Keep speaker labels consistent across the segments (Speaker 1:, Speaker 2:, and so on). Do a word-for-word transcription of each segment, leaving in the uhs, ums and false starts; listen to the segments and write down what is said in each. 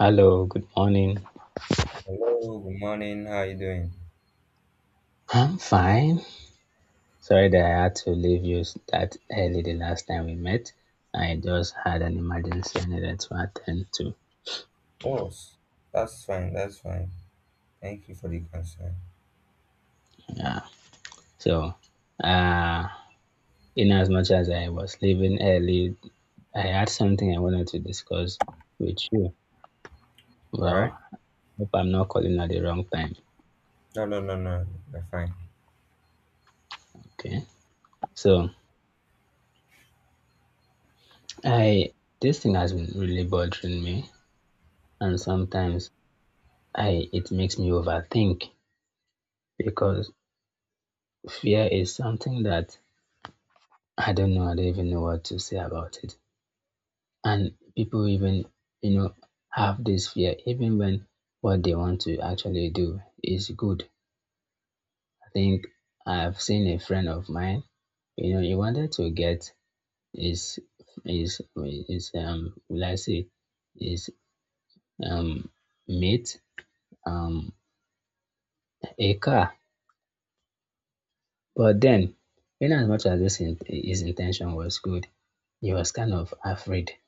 Speaker 1: Hello, good morning.
Speaker 2: Hello, good morning. How are you doing?
Speaker 1: I'm fine. Sorry that I had to leave you that early the last time we met. I just had an emergency I needed to attend to.
Speaker 2: Oh, that's fine. That's fine. Thank you for the concern.
Speaker 1: Yeah. So, uh, in as much as I was leaving early, I had something I wanted to discuss with you.
Speaker 2: All right.
Speaker 1: Well, hope I'm not calling at the wrong time.
Speaker 2: No, no, no, no. You're fine.
Speaker 1: Okay. So, I this thing has been really bothering me, and sometimes I it makes me overthink because fear is something that I don't know. I don't even know what to say about it. And people even, you know, have this fear even when what they want to actually do is good. I think I've seen a friend of mine, you know, he wanted to get his his his um will I say his um mate um a car. But then in as much as this in, his intention was good, he was kind of afraid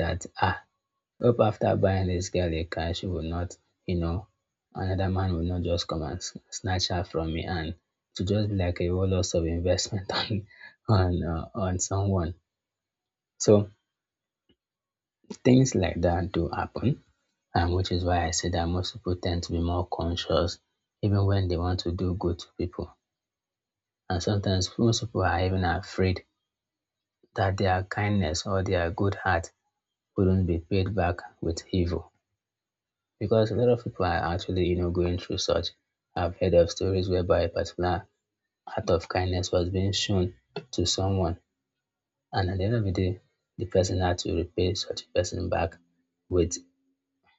Speaker 1: that ah hope after buying this girl a car she will not, you know, another man will not just come and s- snatch her from me and to just be like a whole loss of investment on on uh, on someone. So things like that do happen, and which is why I say that most people tend to be more conscious even when they want to do good to people. And sometimes most people are even afraid that their kindness or their good heart wouldn't be paid back with evil, because a lot of people are actually, you know, going through such. I've heard of stories whereby a particular act of kindness was being shown to someone, and at the end of the day, the person had to repay such a person back with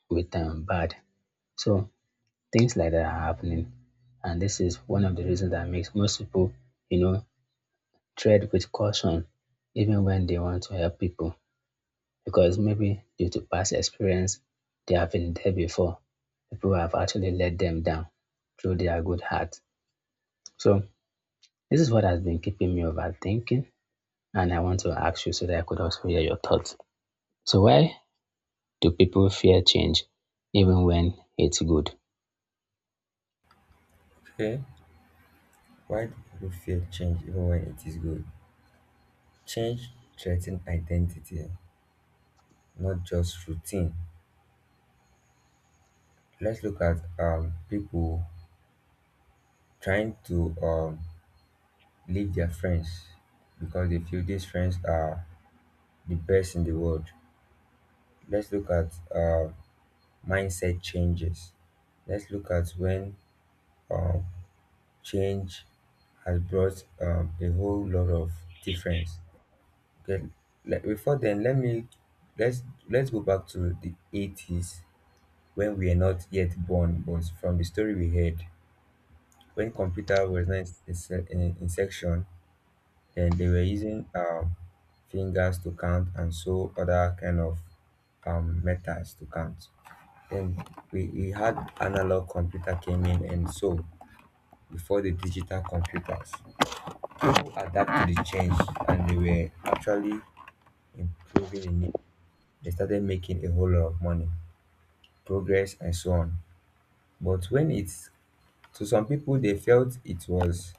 Speaker 1: with um, bad. So things like that are happening, and this is one of the reasons that makes most people, you know, tread with caution, even when they want to help people, because maybe due to past experience, they have been there before. People have actually let them down through their good heart. So this is what has been keeping me overthinking. And I want to ask you so that I could also hear your thoughts. So why do people fear change even when it's good?
Speaker 2: Okay. Why do people fear change even when it is good? Change threatens identity, not just routine. Let's look at um people trying to um leave their friends because they feel these friends are the best in the world. Let's look at uh, mindset changes. Let's look at when um change has brought um, a whole lot of difference. Okay, like before then, let me let's let's go back to the eighties when we are not yet born, but from the story we heard, when computer was not in, se- in, in section, then they were using um, fingers to count and so other kind of um, methods to count. Then we, we had analog computer came in and so before the digital computers. Adapt to the change, and they were actually improving in it. They started making a whole lot of money, progress, and so on. But when it's to some people, they felt it was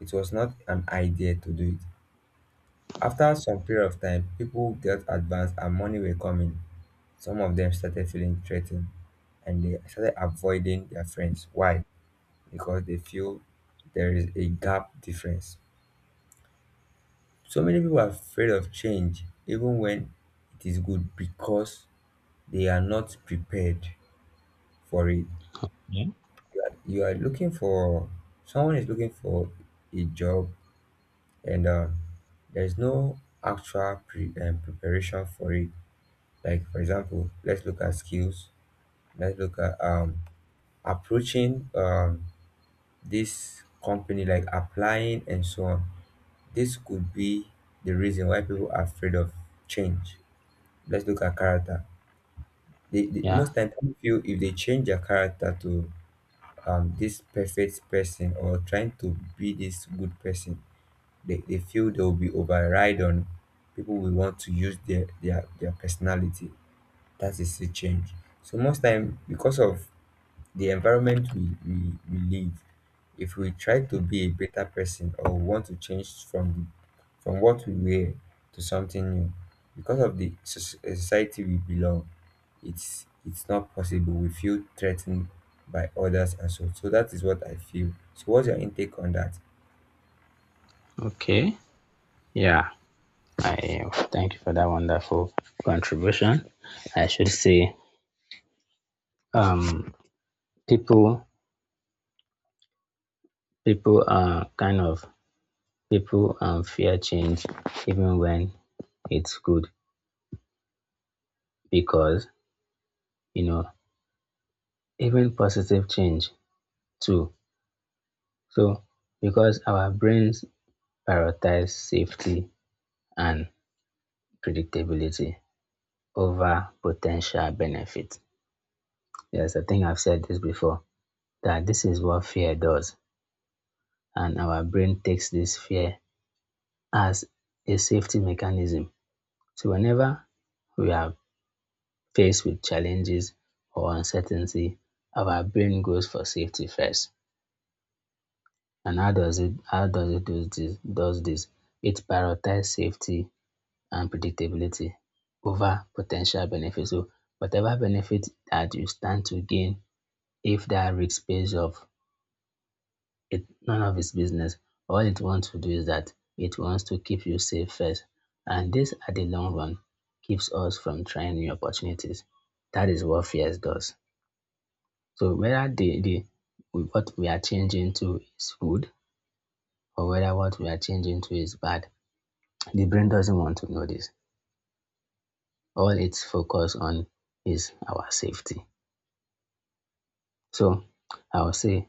Speaker 2: it was not an idea to do it. After some period of time, people got advanced and money were coming. Some of them started feeling threatened and they started avoiding their friends. Why? Because they feel there is a gap difference. So many people are afraid of change, even when it is good, because they are not prepared for it.
Speaker 1: Yeah.
Speaker 2: You are, you are looking for someone is looking for a job, and uh, there is no actual pre, um, preparation for it. Like for example, let's look at skills. Let's look at um, approaching um, this company, like applying and so on. This could be the reason why people are afraid of change. Let's look at character. They, they
Speaker 1: Yeah.
Speaker 2: most time, people feel if they change their character to um this perfect person, or trying to be this good person, they, they feel they will be override on, people will want to use their their, their personality. That is a change. So most time, because of the environment we, we, we live, if we try to be a better person or want to change from from what we were to something new, because of the soc- eh, society we belong, it's it's not possible. We feel threatened by others and so. So that is what I feel. So what's your intake on that?
Speaker 1: Okay. Yeah. I thank you for that wonderful contribution. I should say um people people are kind of people um fear change even when it's good because, you know, even positive change too. So because our brains prioritize safety and predictability over potential benefit. Yes, I think I've said this before that this is what fear does, and our brain takes this fear as a safety mechanism. So whenever we are faced with challenges or uncertainty, our brain goes for safety first. And how does it how does it do this does this? It prioritizes safety and predictability over potential benefits. So whatever benefit that you stand to gain if that risk pays off, it none of its business. All it wants to do is that it wants to keep you safe first. And this at the long run keeps us from trying new opportunities. That is what fears does. So whether the, the what we are changing to is good or whether what we are changing to is bad, the brain doesn't want to know this. All it's focused on is our safety. So I would say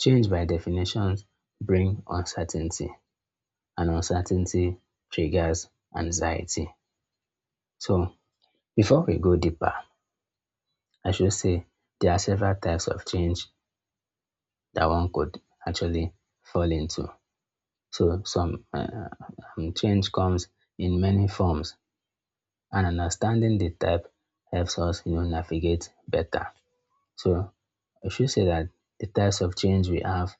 Speaker 1: change by definition bring uncertainty, and uncertainty triggers anxiety. So before we go deeper, I should say there are several types of change that one could actually fall into. So some uh, um, change comes in many forms, and understanding the type helps us, you know, navigate better. So I should say that the types of change we have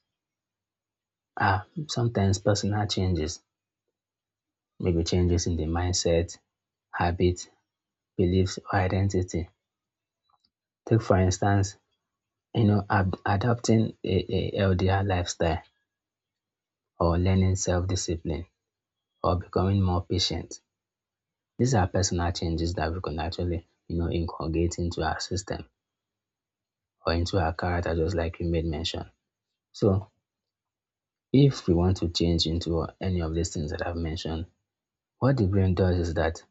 Speaker 1: are sometimes personal changes, maybe changes in the mindset, habit, beliefs, or identity. Take for instance, you know, ab- adopting a, a healthier lifestyle or learning self-discipline or becoming more patient. These are personal changes that we can actually, you know, inculcate into our system or into our character, just like you made mention. So, if we want to change into any of these things that I've mentioned, what the brain does is that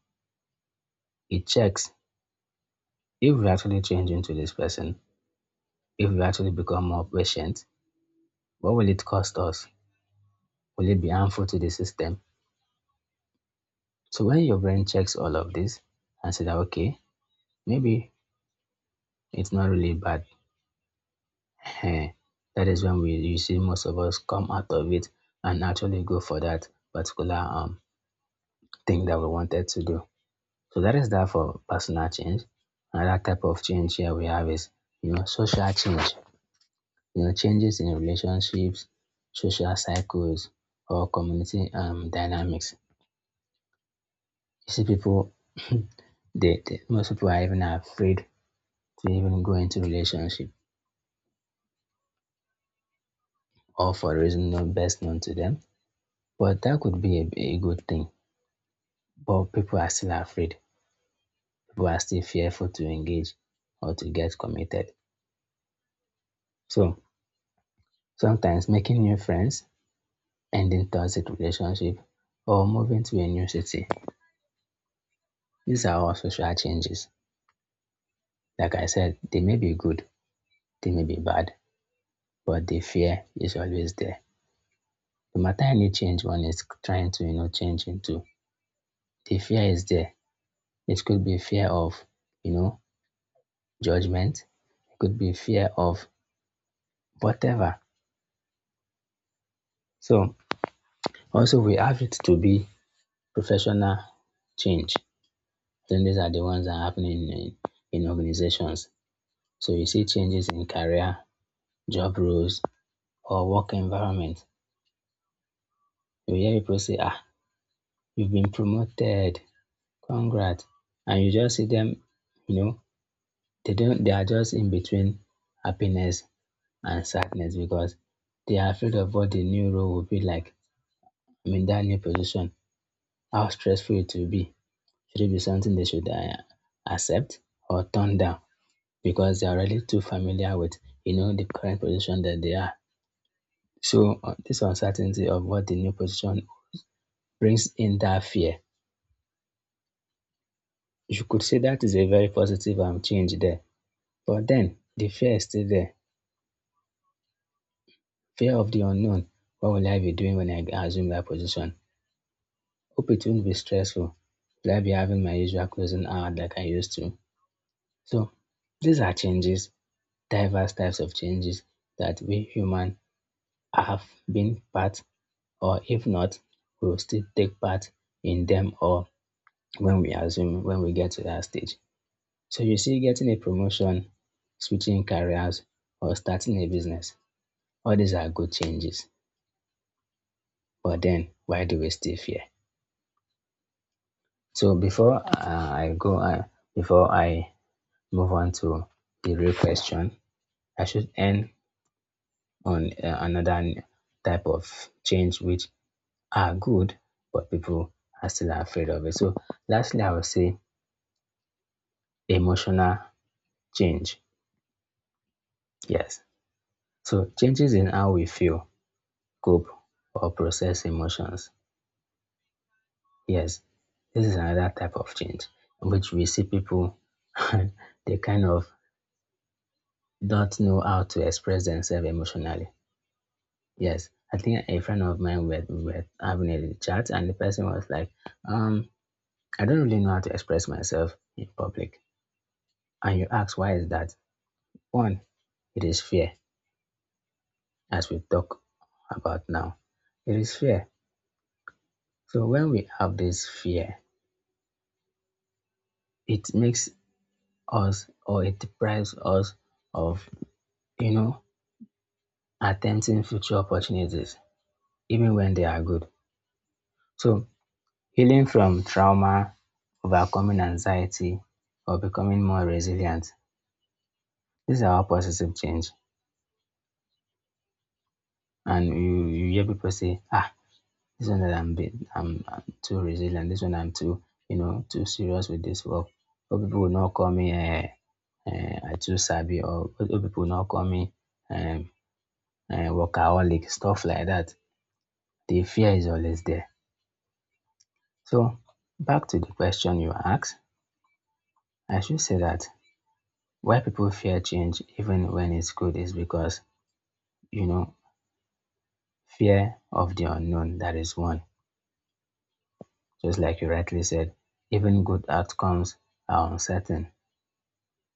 Speaker 1: it checks if we actually change into this person, if we actually become more patient, what will it cost us? Will it be harmful to the system? So, when your brain checks all of this and says that, okay, maybe it's not really bad, um that is when we you see most of us come out of it and actually go for that particular um thing that we wanted to do. So that is that for personal change. Another type of change here we have is, you know, social change. You know, changes in relationships, social cycles, or community um dynamics. You see people, they, they most people are even afraid to even go into relationship or for reason not best known to them. But that could be a, a good thing, but people are still afraid. People are still fearful to engage or to get committed. So sometimes making new friends, ending toxic relationship, or moving to a new city. These are all social changes. Like I said, they may be good, they may be bad, but the fear is always there. No matter any change one is trying to, you know, change into, the fear is there. It could be fear of, you know, judgment. It could be fear of whatever. So also we have it to be professional change. Then these are the ones that are happening in, in organizations. So you see changes in career, job roles, or work environment. You hear people say, ah, you've been promoted, congrats. And you just see them, you know, they don't they are just in between happiness and sadness because they are afraid of what the new role will be like. I mean that new position, how stressful it will be. Should it be something they should uh, accept or turn down? Because they are already too familiar with, you know, the current position that they are. So uh, this uncertainty of what the new position brings in that fear. You could say that is a very positive um, change there. But then the fear is still there. Fear of the unknown. What will I be doing when I assume that position? Hope it won't be stressful. Will I be having my usual closing hour like I used to? So these are changes, diverse types of changes that we human have been part, or if not, we will still take part in them, or when we assume when we get to that stage. So you see, getting a promotion, switching careers, or starting a business, all these are good changes. But then, why do we still fear? So before uh, I go, uh, before I move on to the real question, I should end on uh, another type of change which are good, but people are still afraid of it. So lastly, I will say emotional change, yes. So changes in how we feel, cope, or process emotions. Yes, this is another type of change in which we see people, they kind of don't know how to express themselves emotionally. Yes, I think a friend of mine were, were having a chat, and the person was like, um, I don't really know how to express myself in public. And you ask, why is that? One, it is fear, as we talk about now. It is fear. So when we have this fear, it makes us or it deprives us of, you know, attempting future opportunities, even when they are good. So healing from trauma, overcoming anxiety, or becoming more resilient, these are all positive change. And you, you hear people say, ah, this one that I'm bit I'm, I'm too resilient, this one I'm too, you know, too serious with this work. But people will not call me uh, uh, I too sabi, or people will not call me um, uh, workaholic, stuff like that. The fear is always there. So back to the question you asked, I should say that why people fear change even when it's good is because, you know, fear of the unknown, that is one. Just like you rightly said, even good outcomes are uncertain.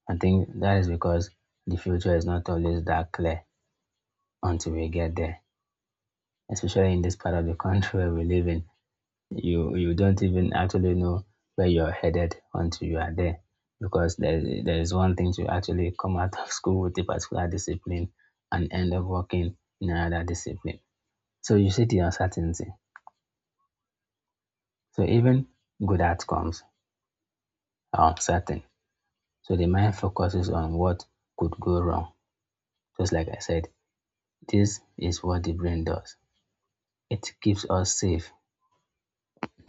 Speaker 1: I think that is because the future is not always that clear until we get there, especially in this part of the country where we live in. You you don't even actually know where you're headed until you are there, because there is- there is one thing to actually come out of school with a particular discipline and end up working in another discipline. So you see the uncertainty. So even good outcomes are uncertain. So the mind focuses on what could go wrong. Just like I said, this is what the brain does. It keeps us safe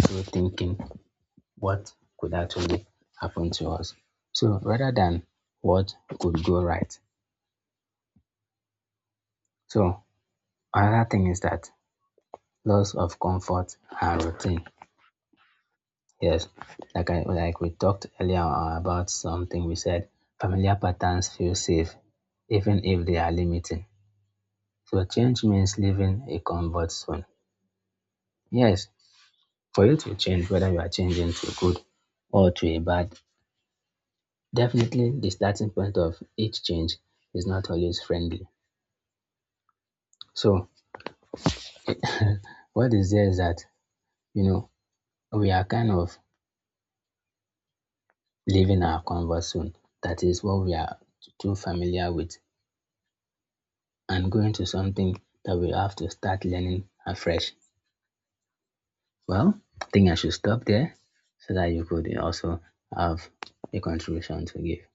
Speaker 1: through thinking what could actually happen to us. So rather than what could go right. So another thing is that loss of comfort and routine. Yes, like I like we talked earlier on about something we said familiar patterns feel safe even if they are limiting. So change means leaving a comfort zone. Yes, for you to change, whether you are changing to good or to a bad, definitely the starting point of each change is not always friendly. So what is there is that, you know, we are kind of leaving our comfort zone. That is what we are t- too familiar with, and going to something that we have to start learning afresh. Well, I think I should stop there so that you could also have a contribution to give.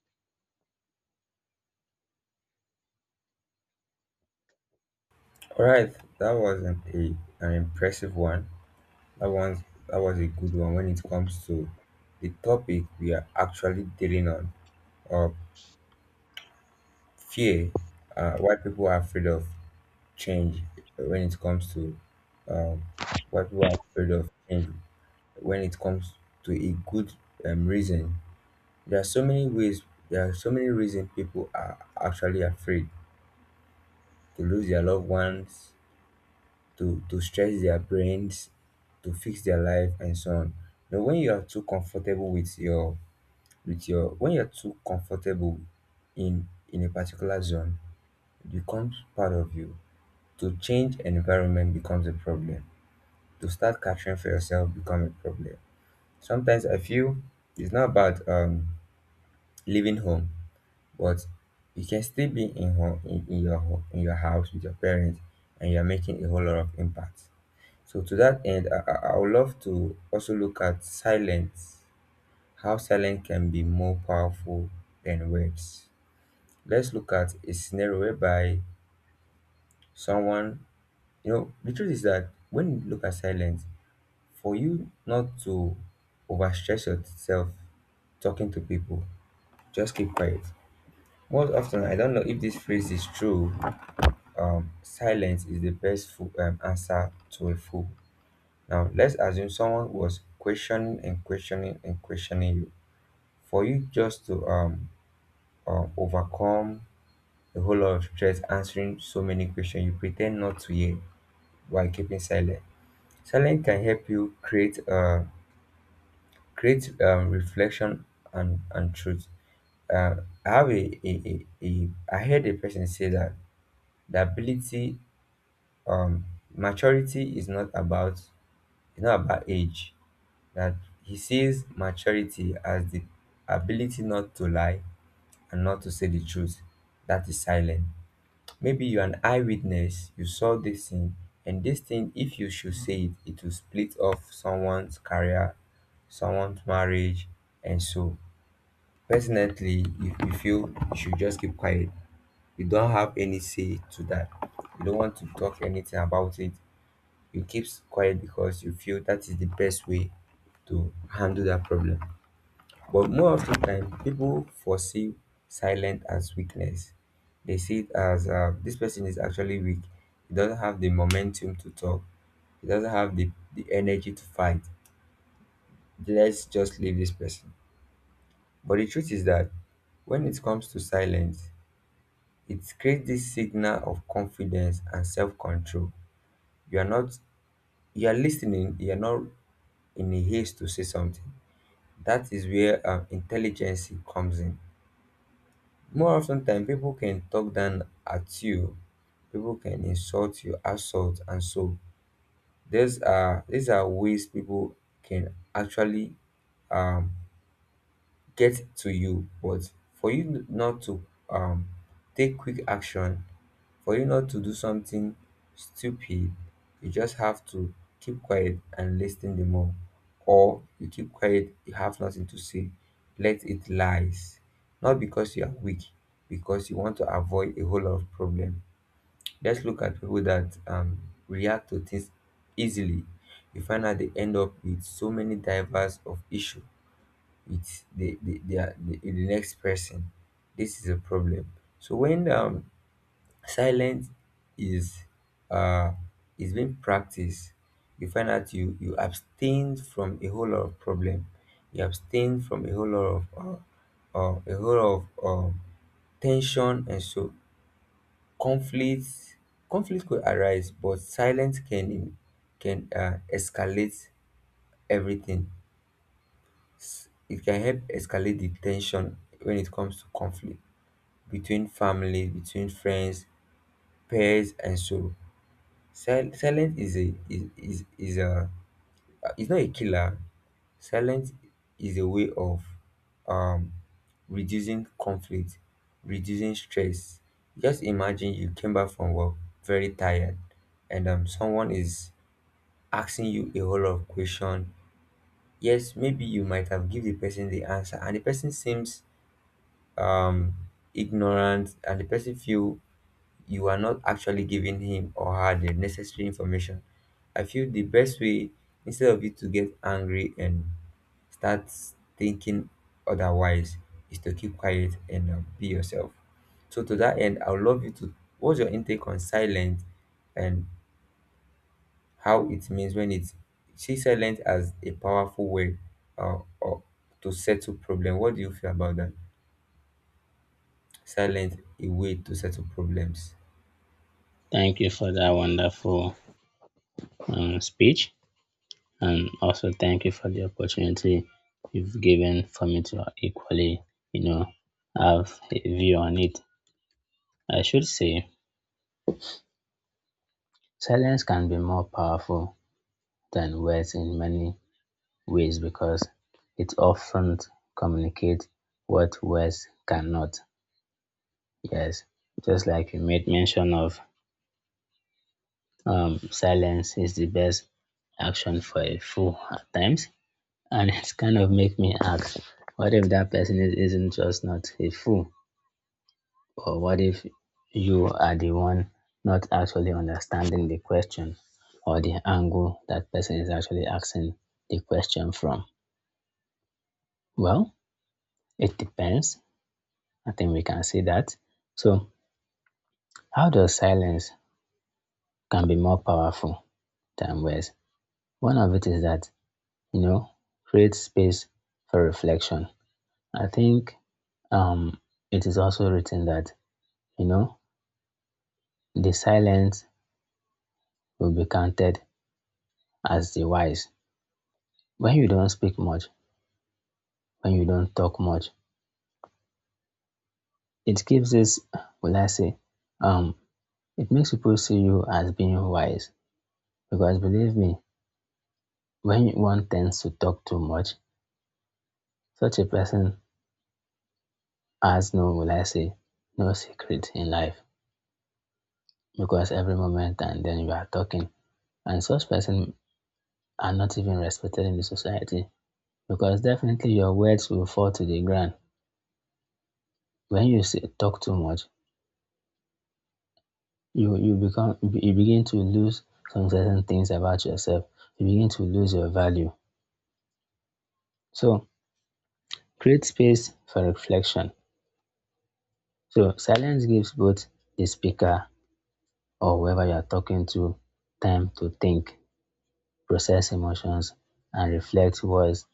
Speaker 2: All right, that wasn't a an impressive one. That one's that was a good one when it comes to the topic we are actually dealing on. Or fear, uh, why people are afraid of change when it comes to, um, why people are afraid of change when it comes to a good um, reason. There are so many ways, there are so many reasons people are actually afraid to lose their loved ones, to to stress their brains, to fix their life and so on. Now when you are too comfortable with your, with your when you're too comfortable in in a particular zone, it becomes part of you. To change environment becomes a problem. To start catering for yourself becomes a problem. Sometimes I feel it's not about um leaving home, but you can still be in home, in, in your home, in your house with your parents, and you're making a whole lot of impact. So to that end, I, I I would love to also look at silence. How silence can be more powerful than words. Let's look at a scenario whereby someone, you know the truth is that when you look at silence, for you not to overstretch yourself talking to people, just keep quiet. Most often, I don't know if this phrase is true. Um, silence is the best fo- um, answer to a fool. Now, let's assume someone was questioning and questioning and questioning you. For you just to um, uh, overcome a whole lot of stress answering so many questions, you pretend not to hear while keeping silent. Silence can help you create a create um, reflection and and truth. Um, I have a, a, a, a I heard a person say that the ability um maturity is not about it's not about age. That he sees maturity as the ability not to lie and not to say the truth, that is silent. Maybe you're an eyewitness, you saw this thing, and this thing, if you should say it, it will split off someone's career, someone's marriage, and so. Personally, if you feel you should just keep quiet, you don't have any say to that. You don't want to talk anything about it. You keep quiet because you feel that is the best way to handle that problem. But more of the time, people foresee silent as weakness. They see it as, uh, this person is actually weak. He doesn't have the momentum to talk. He doesn't have the, the energy to fight. Let's just leave this person. But the truth is that when it comes to silence, it creates this signal of confidence and self-control. you are not you are listening, you are not in a haste to say something. That is where um, intelligence comes in. More often than people can talk down at you, people can insult you, assault, and so. These are these are ways people can actually um get to you, but for you n- not to um take quick action, for you not to do something stupid, you just have to keep quiet and listen the more, or you keep quiet, you have nothing to say, let it lies. Not because you are weak, because you want to avoid a whole lot of problem. Let's look at people that um react to things easily. You find out they end up with so many divers of issue. It's they they, they are the, the next person. This is a problem. So when um silence is uh is being practiced, you find out you you abstain from a whole lot of problem, you abstain from a whole lot of uh, uh, a whole lot of um, tension and so, conflicts. Conflict could arise, but silence can can uh, escalate everything. It can help escalate the tension when it comes to conflict between families, between friends, pairs, and so. Sil- silence is a is is, is a uh, it's not a killer. Silence is a way of um reducing conflict, reducing stress. Just imagine you came back from work very tired, and um someone is asking you a whole lot of question. Yes, maybe you might have give the person the answer, and the person seems um, ignorant, and the person feel you are not actually giving him or her the necessary information. I feel the best way, instead of you to get angry and start thinking otherwise, is to keep quiet and uh, be yourself. So to that end, I would love you to, what's your intake on silence, and how it means, when it's, see silence as a powerful way, uh, or to settle problem. What do you feel about that? Silent, a way to settle problems.
Speaker 1: Thank you for that wonderful um, speech. And also thank you for the opportunity you've given for me to equally, you know, have a view on it. I should say silence can be more powerful than words in many ways, because it often communicates what words cannot. Yes, just like you made mention of, um, silence is the best action for a fool at times, and it's kind of make me ask, what if that person is, isn't just not a fool? Or what if you are the one not actually understanding the question, or the angle that person is actually asking the question from? Well, it depends. I think we can see that. So, how does silence can be more powerful than words? One of it is that, you know, create space for reflection. I think um, it is also written that, you know, the silence will be counted as the wise. When you don't speak much, when you don't talk much, it gives this, will I say, um, it makes people see you as being wise. Because believe me, when one tends to talk too much, such a person has no, will I say, no secret in life. Because every moment and then you are talking. And such person are not even respected in the society. Because definitely your words will fall to the ground. When you say, talk too much, you you become, you begin to lose some certain things about yourself, you begin to lose your value. So create space for reflection. So silence gives both the speaker or whoever you are talking to time to think, process emotions, and reflect words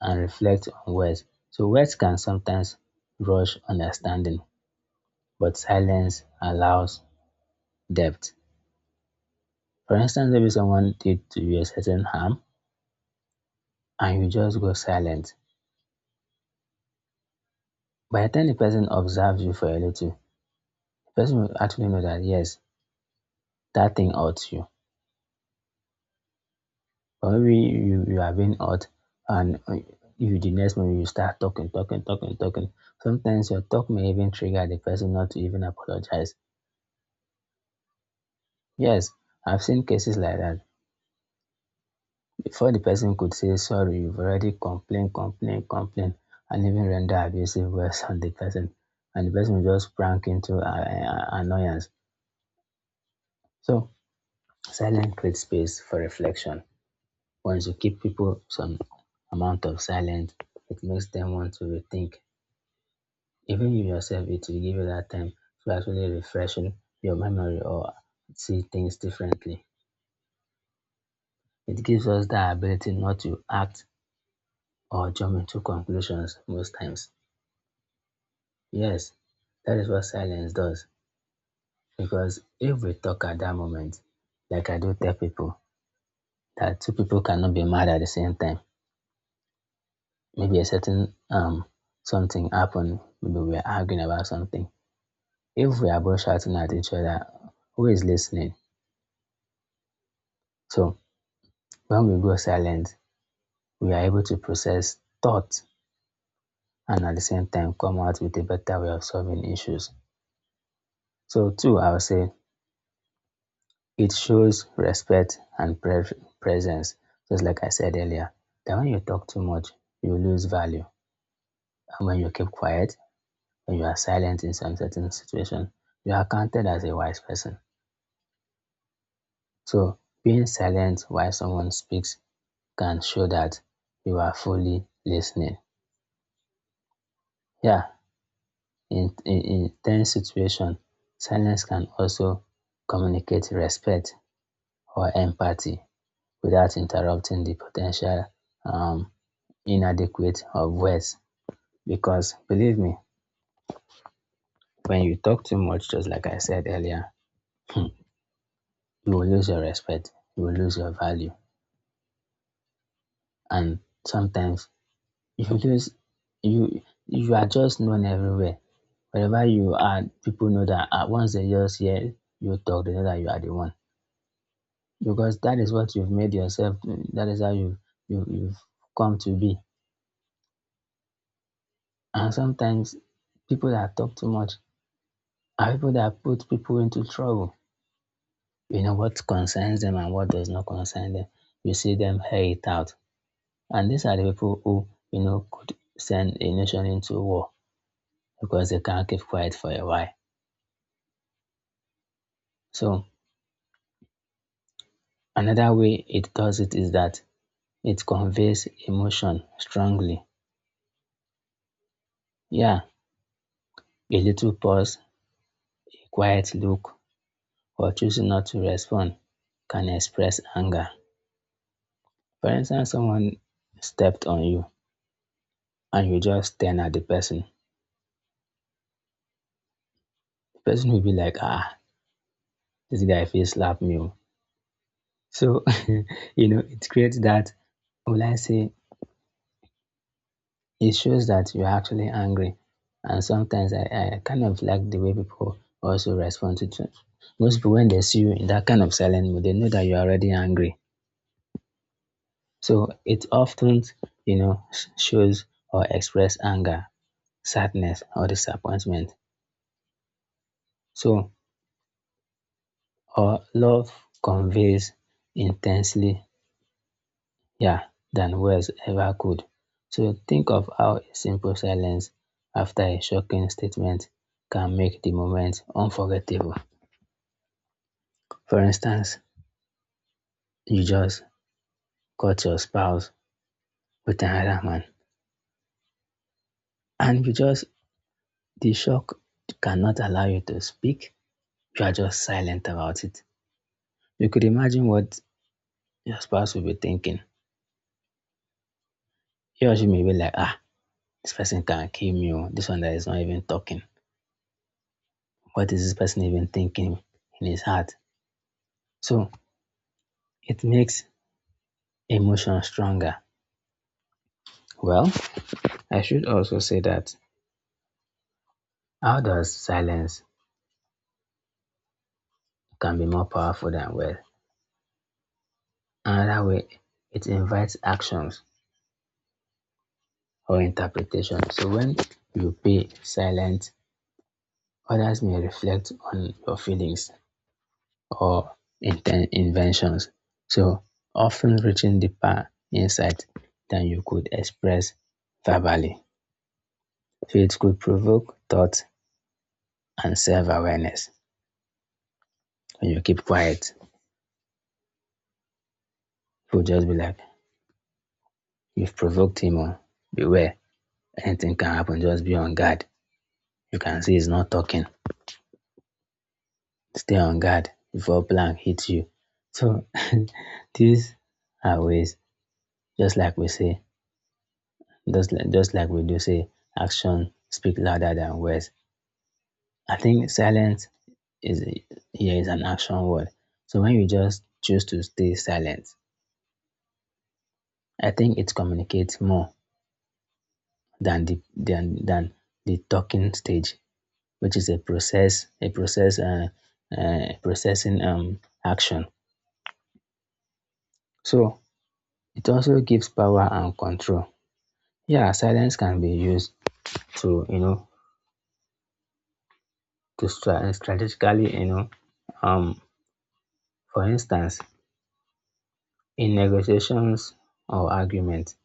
Speaker 1: and reflect on words. So words can sometimes rush understanding, but silence allows depth. For instance, maybe someone did to you a certain harm and you just go silent. By the time the person observes you for a little, the person will actually know that yes, that thing hurts you. But maybe you, you have been hurt, and uh, you, the next moment you start talking, talking, talking, talking. Sometimes your talk may even trigger the person not to even apologize. Yes, I've seen cases like that. Before the person could say sorry, you've already complained, complained, complained, and even render abusive words on the person. And the person will just prank into uh, uh, annoyance. So, silence creates space for reflection. Once you keep people some amount of silence, it makes them want to rethink. Even you yourself, it will give you that time to actually refresh your memory or see things differently. It gives us the ability not to act or jump into conclusions most times. Yes, that is what silence does. Because if we talk at that moment, like I do tell people, that two people cannot be mad at the same time. Maybe a certain um something happened, maybe we are arguing about something. If we are both shouting at each other, who is listening? So when we go silent, we are able to process thoughts and at the same time come out with a better way of solving issues. So two, I would say it shows respect and pre- presence. Just like I said earlier, that when you talk too much, you lose value. And when you keep quiet, when you are silent in some certain situation, you are counted as a wise person. So being silent while someone speaks can show that you are fully listening. Yeah, in, in, in tense situation, silence can also communicate respect or empathy without interrupting the potential um, inadequate of words. Because believe me, when you talk too much, just like I said earlier, you will lose your respect, you will lose your value, and sometimes if you lose, you you are just known everywhere. Wherever you are, people know that uh, once they just hear you talk, they know that you are the one. Because that is what you've made yourself. That is how you, you you've come to be. And sometimes people that talk too much are people that put people into trouble. You know what concerns them and what does not concern them. You see them air it out. And these are the people who, you know, could send a nation into war because they can't keep quiet for a while. So another way it does it is that it conveys emotion strongly. Yeah, a little pause, a quiet look, or choosing not to respond can express anger. For instance, someone stepped on you and you just stand at the person. The person will be like, "Ah, this guy face slap me, oh." So, you know, it creates that, will I say, it shows that you're actually angry. And sometimes I, I kind of like the way people also respond to it. Most people, when they see you in that kind of silent mood, they know that you're already angry. So it often, you know, sh- shows or express anger, sadness, or disappointment. So, or love conveys intensely, yeah, than words ever could. So think of how a simple silence after a shocking statement can make the moment unforgettable. For instance, you just caught your spouse with another man and you just, the shock cannot allow you to speak. You are just silent about it. You could imagine what your spouse will be thinking. He or she may be like, "Ah, this person can kill me, oh. This one that is not even talking. What is this person even thinking in his heart?" So it makes emotion stronger. Well, I should also say that how silence can be more powerful than well. Another way, it invites actions or interpretation. So when you be silent, others may reflect on your feelings or inten- inventions. So often reaching deeper insight than you could express verbally. So it could provoke thought and self-awareness. When you keep quiet, people just be like, "You've provoked him," or, "Beware. Anything can happen, just be on guard. You can see he's not talking. Stay on guard before blank hits you." So these are ways, just like we say, just like, just like we do say, action speak louder than words. I think silence is here is an action word. So when you just choose to stay silent, I think it communicates more than the than than the talking stage. Which is a process, a process, uh, uh, processing um, action. So it also gives power and control. Yeah, silence can be used to, you know, to stra- strategically, you know, um, for instance, in negotiations or arguments,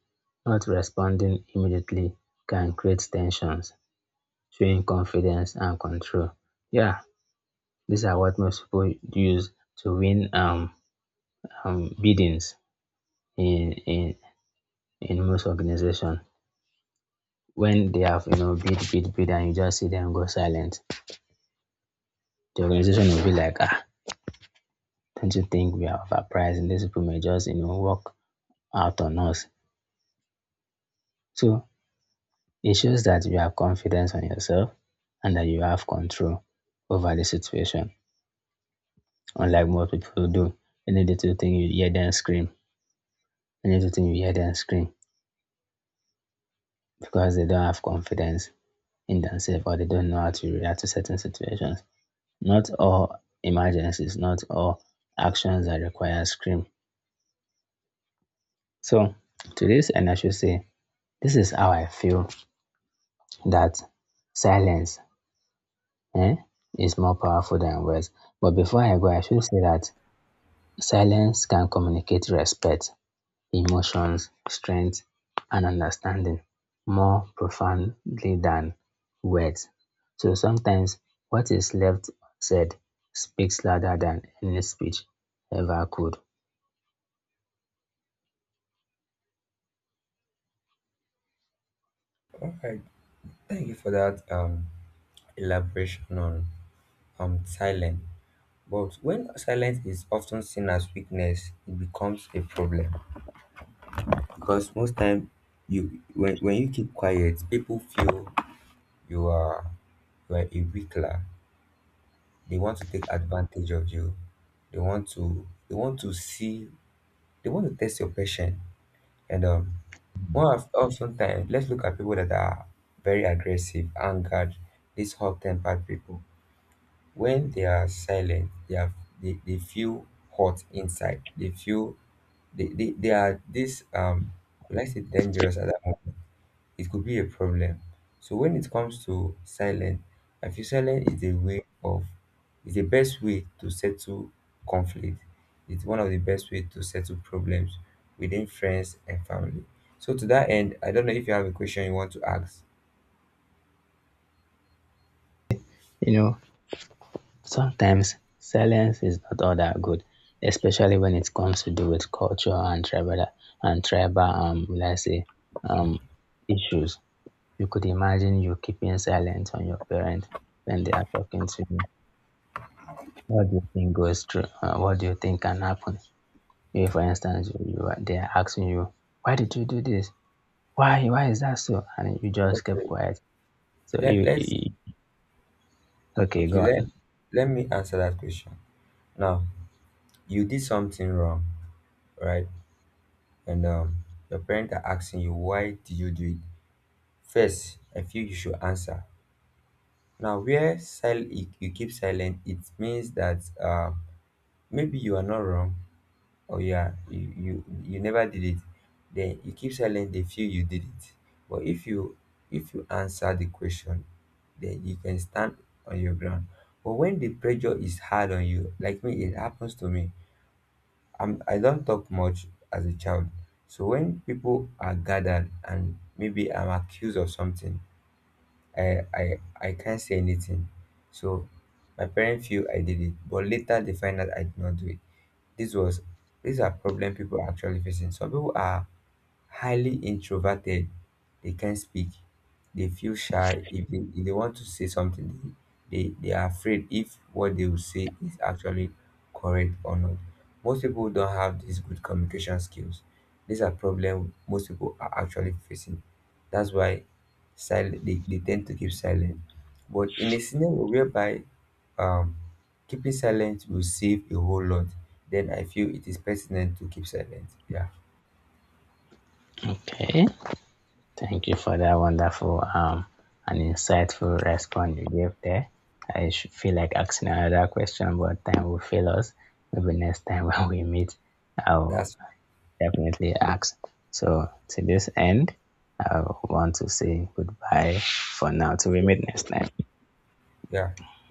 Speaker 1: not responding immediately can create tensions, showing confidence and control. Yeah, these are what most people use to win um, um, biddings in, in in most organization. When they have, you know, bid, bid, bid, and you just see them go silent, the organization will be like, "Ah, don't you think we are overpriced, and these people may just, you know, walk out on us." So it shows that you have confidence on yourself and that you have control over the situation, unlike most people do. Any little thing, you hear them scream. Any little thing, you hear them scream. Because they don't have confidence in themselves, or they don't know how to react to certain situations. Not all emergencies, not all actions that require scream. So to this end, I should say this is how I feel, that silence, eh, is more powerful than words. But before I go, I should say that silence can communicate respect, emotions, strength, and understanding more profoundly than words. So sometimes what is left said speaks louder than any speech ever could.
Speaker 2: All right, thank you for that um, elaboration on um, silence. But when silence is often seen as weakness, it becomes a problem, because most time, you, when, when you keep quiet, people feel you are you are a weakler. They want to take advantage of you. They want to they want to see they want to test your patience and um more of, of sometimes. Let's look at people that are very aggressive, angered, these hot-tempered people. When they are silent, they are they, they feel hot inside. They feel they, they, they are this, um let's say, dangerous at that moment. It could be a problem. So when it comes to silence, I feel silence is a way of is the best way to settle conflict. It's one of the best way to settle problems within friends and family. So to that end, I don't know if you have a question you want to ask.
Speaker 1: You know, sometimes silence is not all that good, especially when it comes to do with culture and tribal, and tribal um, will I say, um issues. You could imagine you keeping silent on your parent when they are talking to you. What do you think goes through? Uh, what do you think can happen? If, for instance, you, you are, they are asking you, "Why did you do this? Why? Why is that so?" and you just kept
Speaker 2: Okay.
Speaker 1: quiet. So
Speaker 2: Let
Speaker 1: you,
Speaker 2: let's
Speaker 1: you, okay?
Speaker 2: okay,
Speaker 1: Go
Speaker 2: let
Speaker 1: on.
Speaker 2: let me answer that question. Now, you did something wrong, right? And um your parents are asking you, why did you do it? First, I feel you should answer. Now, where sil- you you keep silent, it means that uh maybe you are not wrong, or you are you you, you never did it, then you keep silent, they feel you did it. But if you if you answer the question, then you can stand on your ground. But when the pressure is hard on you, like me, it happens to me. I'm, i don't talk much as a child. So when people are gathered and maybe I'm accused of something, I I I can't say anything. So my parents feel I did it, but later they find out I did not do it. This was These are problem people are actually facing. Some people are highly introverted, they can't speak, they feel shy. If they, if they want to say something, they, they they are afraid if what they will say is actually correct or not. Most people don't have these good communication skills. These are problems most people are actually facing. That's why silent, they, they tend to keep silent. But in a scenario whereby um keeping silent will save a whole lot, then I feel it is pertinent to keep silent. yeah
Speaker 1: Okay. Thank you for that wonderful um, and insightful response you gave there. I should feel like asking another question, but time will fail us. Maybe next time when we meet, I'll
Speaker 2: that's
Speaker 1: definitely ask. So, to this end, I want to say goodbye for now. Till we meet next time.
Speaker 2: Yeah.